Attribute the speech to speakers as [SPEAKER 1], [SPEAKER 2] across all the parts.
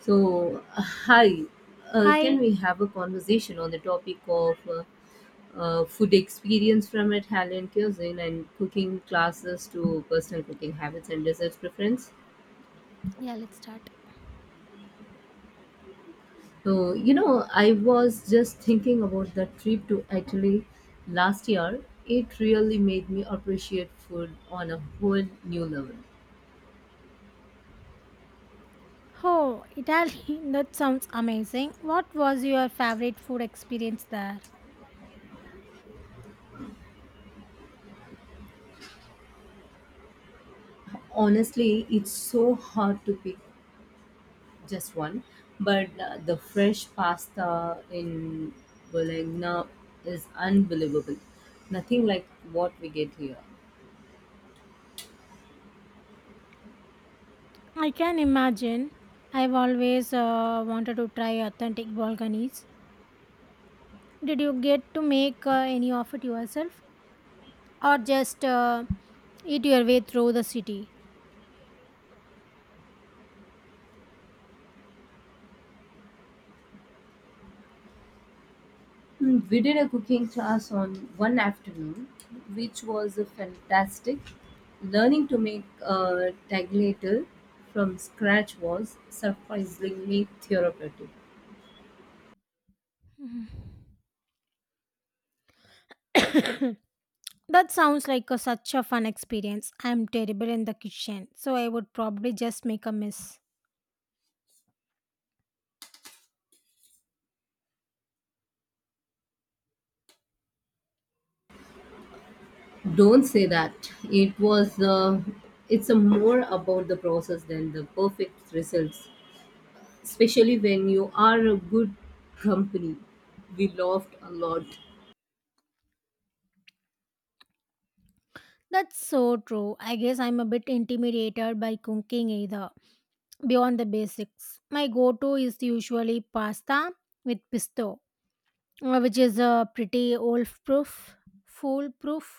[SPEAKER 1] So, hi, can
[SPEAKER 2] Hi.
[SPEAKER 1] we have a conversation on the topic of food experience from Italian cuisine and cooking classes to personal cooking habits and desserts preference?
[SPEAKER 2] Yeah, let's start.
[SPEAKER 1] So, you know, I was just thinking about that trip to Italy last year. It really made me appreciate food on a whole new level.
[SPEAKER 2] Oh, Italy, that sounds amazing. What was your favorite food experience there?
[SPEAKER 1] Honestly, it's so hard to pick just one, but the fresh pasta in Bologna is unbelievable, nothing like what we get here.
[SPEAKER 2] I can imagine. I've always wanted to try authentic Balkanese. Did you get to make any of it yourself? Or just eat your way through the city?
[SPEAKER 1] Mm, we did a cooking class on one afternoon, which was a fantastic, learning to make a tagliatelle from scratch was surprisingly therapeutic.
[SPEAKER 2] That such a fun experience. I'm terrible in the kitchen, so I would probably just make a mess.
[SPEAKER 1] Don't say that. It was it's a more about the process than the perfect results, especially when you are a good company. We laughed a lot.
[SPEAKER 2] That's so true. I guess I'm a bit intimidated by cooking either. Beyond the basics. My go to is usually pasta with pesto, which is a pretty foolproof.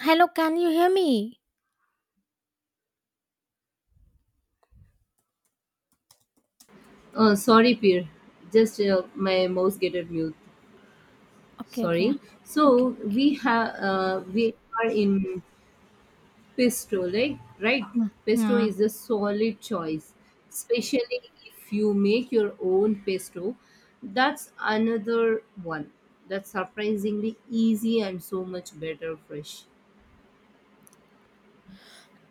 [SPEAKER 2] Hello, can you hear me?
[SPEAKER 1] Sorry, Peer. Just my mouse get it mute.
[SPEAKER 2] Okay,
[SPEAKER 1] Sorry.
[SPEAKER 2] okay.
[SPEAKER 1] So we are in pesto, like, right?
[SPEAKER 2] Mm.
[SPEAKER 1] Pesto
[SPEAKER 2] Yeah.
[SPEAKER 1] is a solid choice, especially if you make your own pesto. That's another one. That's surprisingly easy and so much better fresh.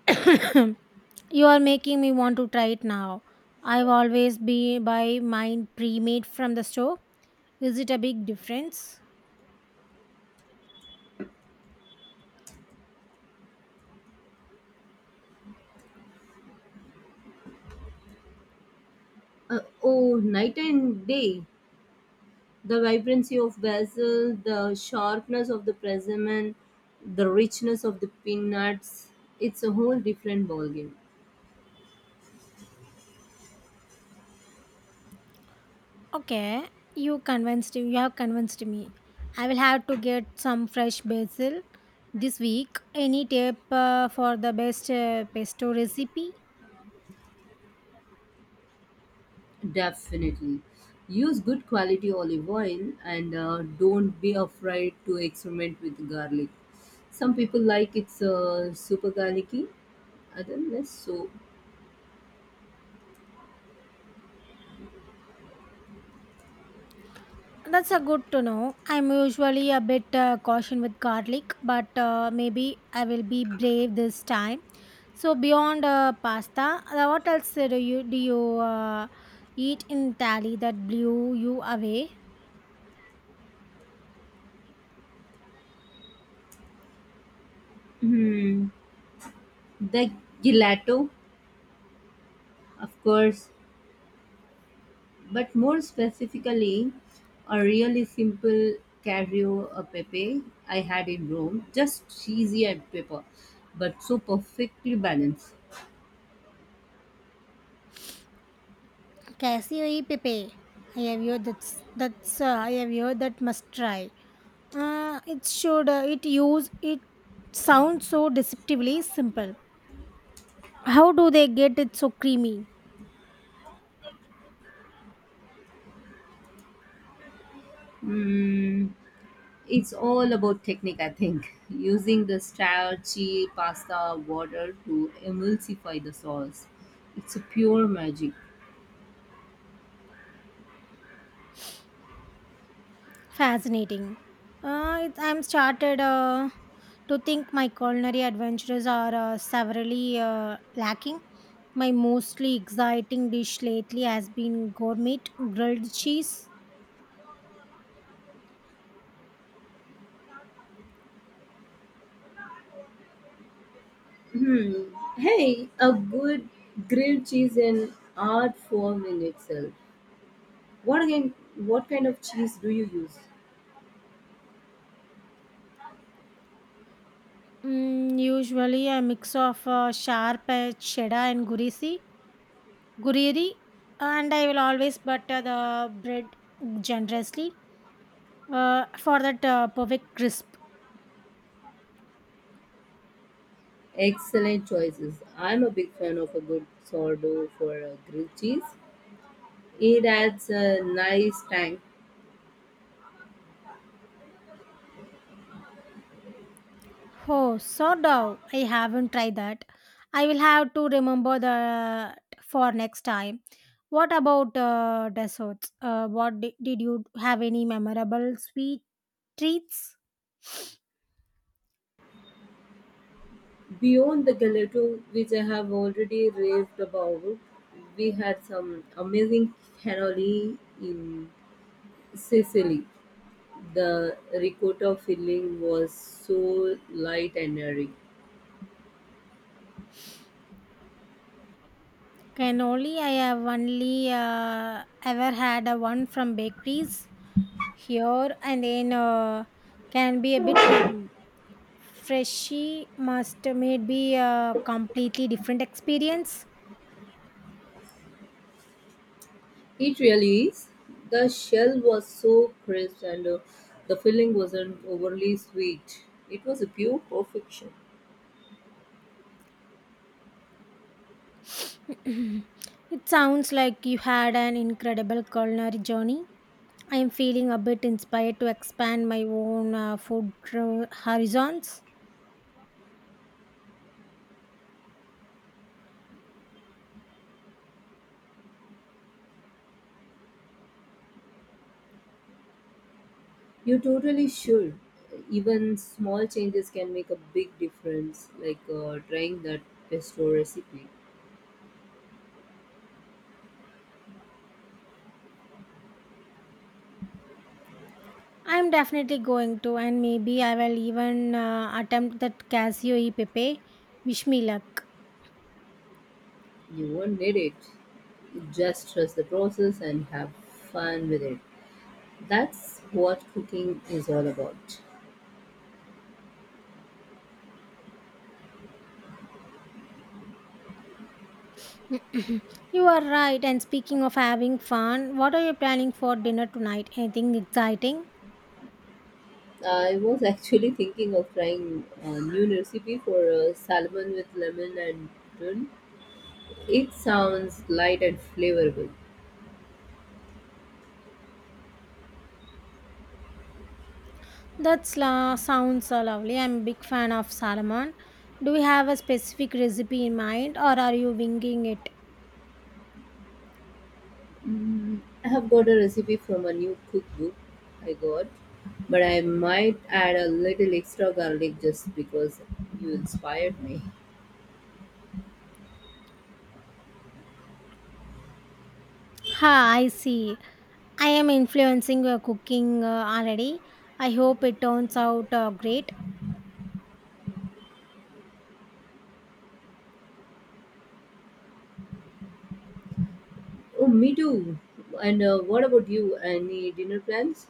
[SPEAKER 2] you are making me want to try it now. I've always been by mine pre made from the store. Is it a big difference?
[SPEAKER 1] Oh, night and day. The vibrancy of basil, the sharpness of the persimmon, the richness of the peanuts, it's a whole different ballgame.
[SPEAKER 2] Okay, you have convinced me. I will have to get some fresh basil this week. Any tip for the best pesto recipe?
[SPEAKER 1] Definitely. Use good quality olive oil and don't be afraid to experiment with garlic. Some people like it's super garlicky, other less so.
[SPEAKER 2] That's a good to know. I'm usually a bit cautious with garlic, but maybe I will be brave this time. So beyond pasta, what else do you uh, eat in Italy that blew you away?
[SPEAKER 1] Hmm. The gelato, of course, but more specifically, a really simple cacio e pepe I had in Rome, just cheesy and pepper, but so perfectly balanced.
[SPEAKER 2] Casio e Pepe. I have heard that's I have heard that must try. It should it use it sounds so deceptively simple. How do they get it so creamy?
[SPEAKER 1] Mm, it's all about technique, I think. Using the starchy pasta water to emulsify the sauce. It's a pure magic.
[SPEAKER 2] Fascinating. I'm started to think my culinary adventures are severely lacking. My mostly exciting dish lately has been gourmet grilled cheese.
[SPEAKER 1] Hmm. Hey, a good grilled cheese in art form in itself. What again? What kind of cheese do you use?
[SPEAKER 2] Mm, usually a mix of sharp cheddar and gurisi gureri, and I will always butter the bread generously for that perfect crisp.
[SPEAKER 1] Excellent choices. I'm a big fan of a good sourdough for grilled cheese. It adds a nice tang.
[SPEAKER 2] Oh, so dough, I haven't tried that. I will have to remember that for next time. What about desserts? Did you have any memorable sweet treats?
[SPEAKER 1] Beyond the gelato, which I have already raved about, we had some amazing cannoli in Sicily. The ricotta filling was so light and airy.
[SPEAKER 2] Cannoli. I have only ever had a one from bakeries here, and then can be a bit heavy. Freshie must made be a completely different experience.
[SPEAKER 1] It really is. The shell was so crisp and the filling wasn't overly sweet. It was a pure perfection.
[SPEAKER 2] it sounds like you had an incredible culinary journey. I am feeling a bit inspired to expand my own food horizons.
[SPEAKER 1] You totally should. Even small changes can make a big difference, like trying that pesto recipe.
[SPEAKER 2] I am definitely going to, and maybe I will even attempt that Casio e Pepe. Wish me luck.
[SPEAKER 1] You won't need it. You just trust the process and have fun with it. That's what cooking is all about.
[SPEAKER 2] you are right. And speaking of having fun, what are you planning for dinner tonight? Anything exciting?
[SPEAKER 1] I was actually thinking of trying a new recipe for salmon with lemon and tuna. It sounds light and flavorful.
[SPEAKER 2] That's la sounds so lovely. I'm a big fan of salmon. Do you have a specific recipe in mind or are you winging it?
[SPEAKER 1] Mm, I have got a recipe from a new cookbook I got, but I might add a little extra garlic just because you inspired me.
[SPEAKER 2] Ha, I see. I am influencing your cooking already. I hope it turns out great.
[SPEAKER 1] Oh, me too. And what about you? Any dinner plans?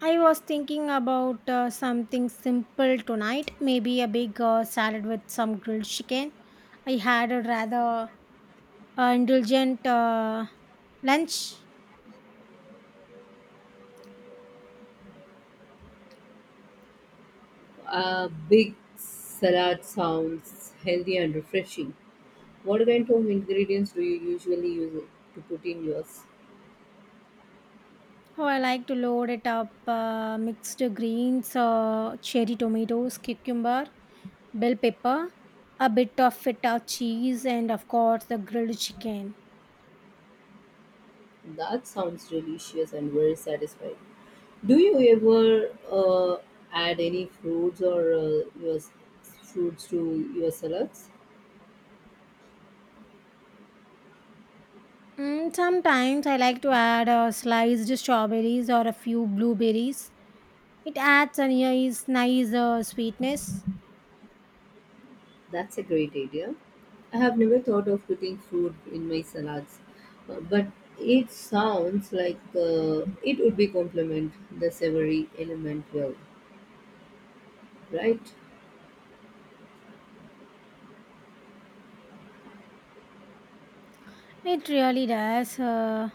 [SPEAKER 2] I was thinking about something simple tonight, maybe a big salad with some grilled chicken. I had a rather indulgent lunch.
[SPEAKER 1] A big salad sounds healthy and refreshing. What kind of ingredients do you usually use to put in yours?
[SPEAKER 2] Oh, I like to load it up, mixed greens, cherry tomatoes, cucumber, bell pepper, a bit of feta cheese, and of course the grilled chicken.
[SPEAKER 1] That sounds delicious and very satisfying. Do you ever add any fruits or fruits to your salads?
[SPEAKER 2] Mm, sometimes I like to add sliced strawberries or a few blueberries. It adds a nice sweetness.
[SPEAKER 1] That's a great idea. I have never thought of putting fruit in my salads, but it sounds like it would be complement the savory element well, right?
[SPEAKER 2] It really does.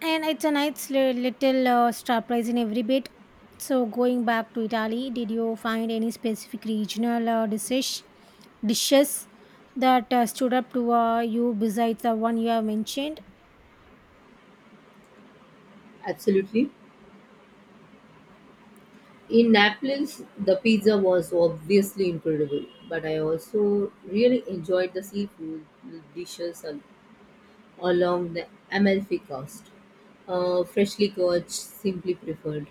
[SPEAKER 2] And it's a nice little surprise in every bit. So, going back to Italy, did you find any specific regional dishes that stood up to you besides the one you have mentioned?
[SPEAKER 1] Absolutely. In Naples, the pizza was obviously incredible, but I also really enjoyed the seafood dishes a along the Amalfi Coast. Freshly caught, simply preferred.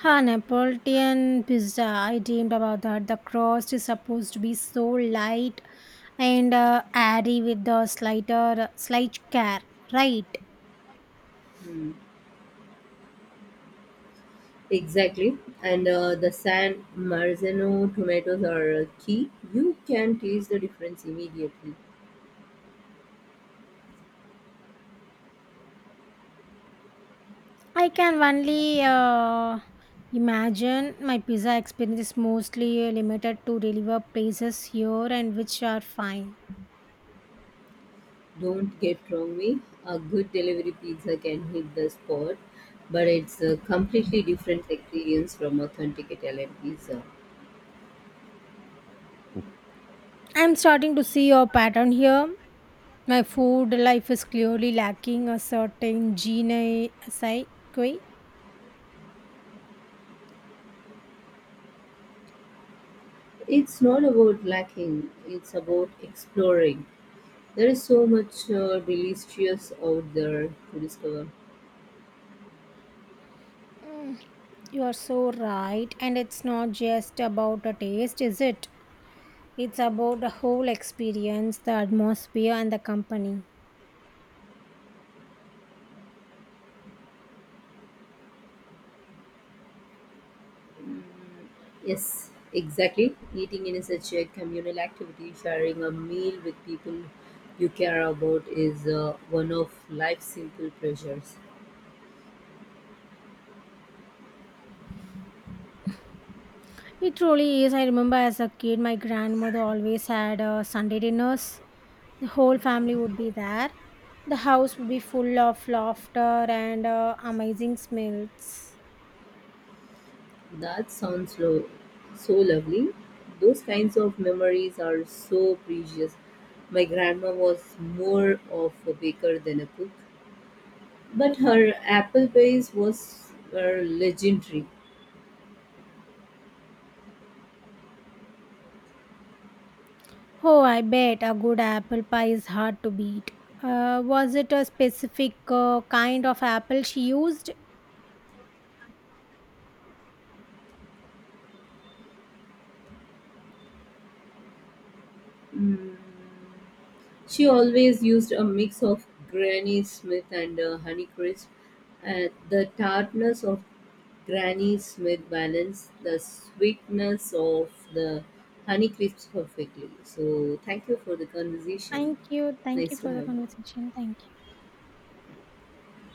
[SPEAKER 2] Ha, Neapolitan pizza. I dreamed about that. The crust is supposed to be so light and airy with the slight care, right?
[SPEAKER 1] Hmm. Exactly. And the San Marzano tomatoes are key. You can taste the difference immediately.
[SPEAKER 2] I can only imagine my pizza experience is mostly limited to deliver places here and which are fine.
[SPEAKER 1] Don't get wrong me. A good delivery pizza can hit the spot, but it's a completely different experience from authentic Italian pizza.
[SPEAKER 2] I'm starting to see a pattern here. My food life is clearly lacking a certain gene psyche.
[SPEAKER 1] It's not about lacking, it's about exploring. There is so much delicious out there to discover.
[SPEAKER 2] Mm, you are so right, and it's not just about a taste, is it? It's about the whole experience, the atmosphere, and the company.
[SPEAKER 1] Yes, exactly. Eating in such a communal activity, sharing a meal with people you care about is one of life's simple pleasures.
[SPEAKER 2] It truly is. I remember as a kid, my grandmother always had Sunday dinners. The whole family would be there. The house would be full of laughter and amazing smells.
[SPEAKER 1] That sounds so lovely. Those kinds of memories are so precious. My grandma was more of a baker than a cook, but her apple pies was were legendary.
[SPEAKER 2] Oh, I bet a good apple pie is hard to beat. Was it a specific kind of apple she used?
[SPEAKER 1] Mm, she always used a mix of Granny Smith and Honeycrisp. The tartness of Granny Smith balanced the sweetness of the Honeycrisp perfectly. So, thank you for the conversation.
[SPEAKER 2] Thank you. Thank you
[SPEAKER 1] Nice to
[SPEAKER 2] for the
[SPEAKER 1] have you.
[SPEAKER 2] conversation. Thank you.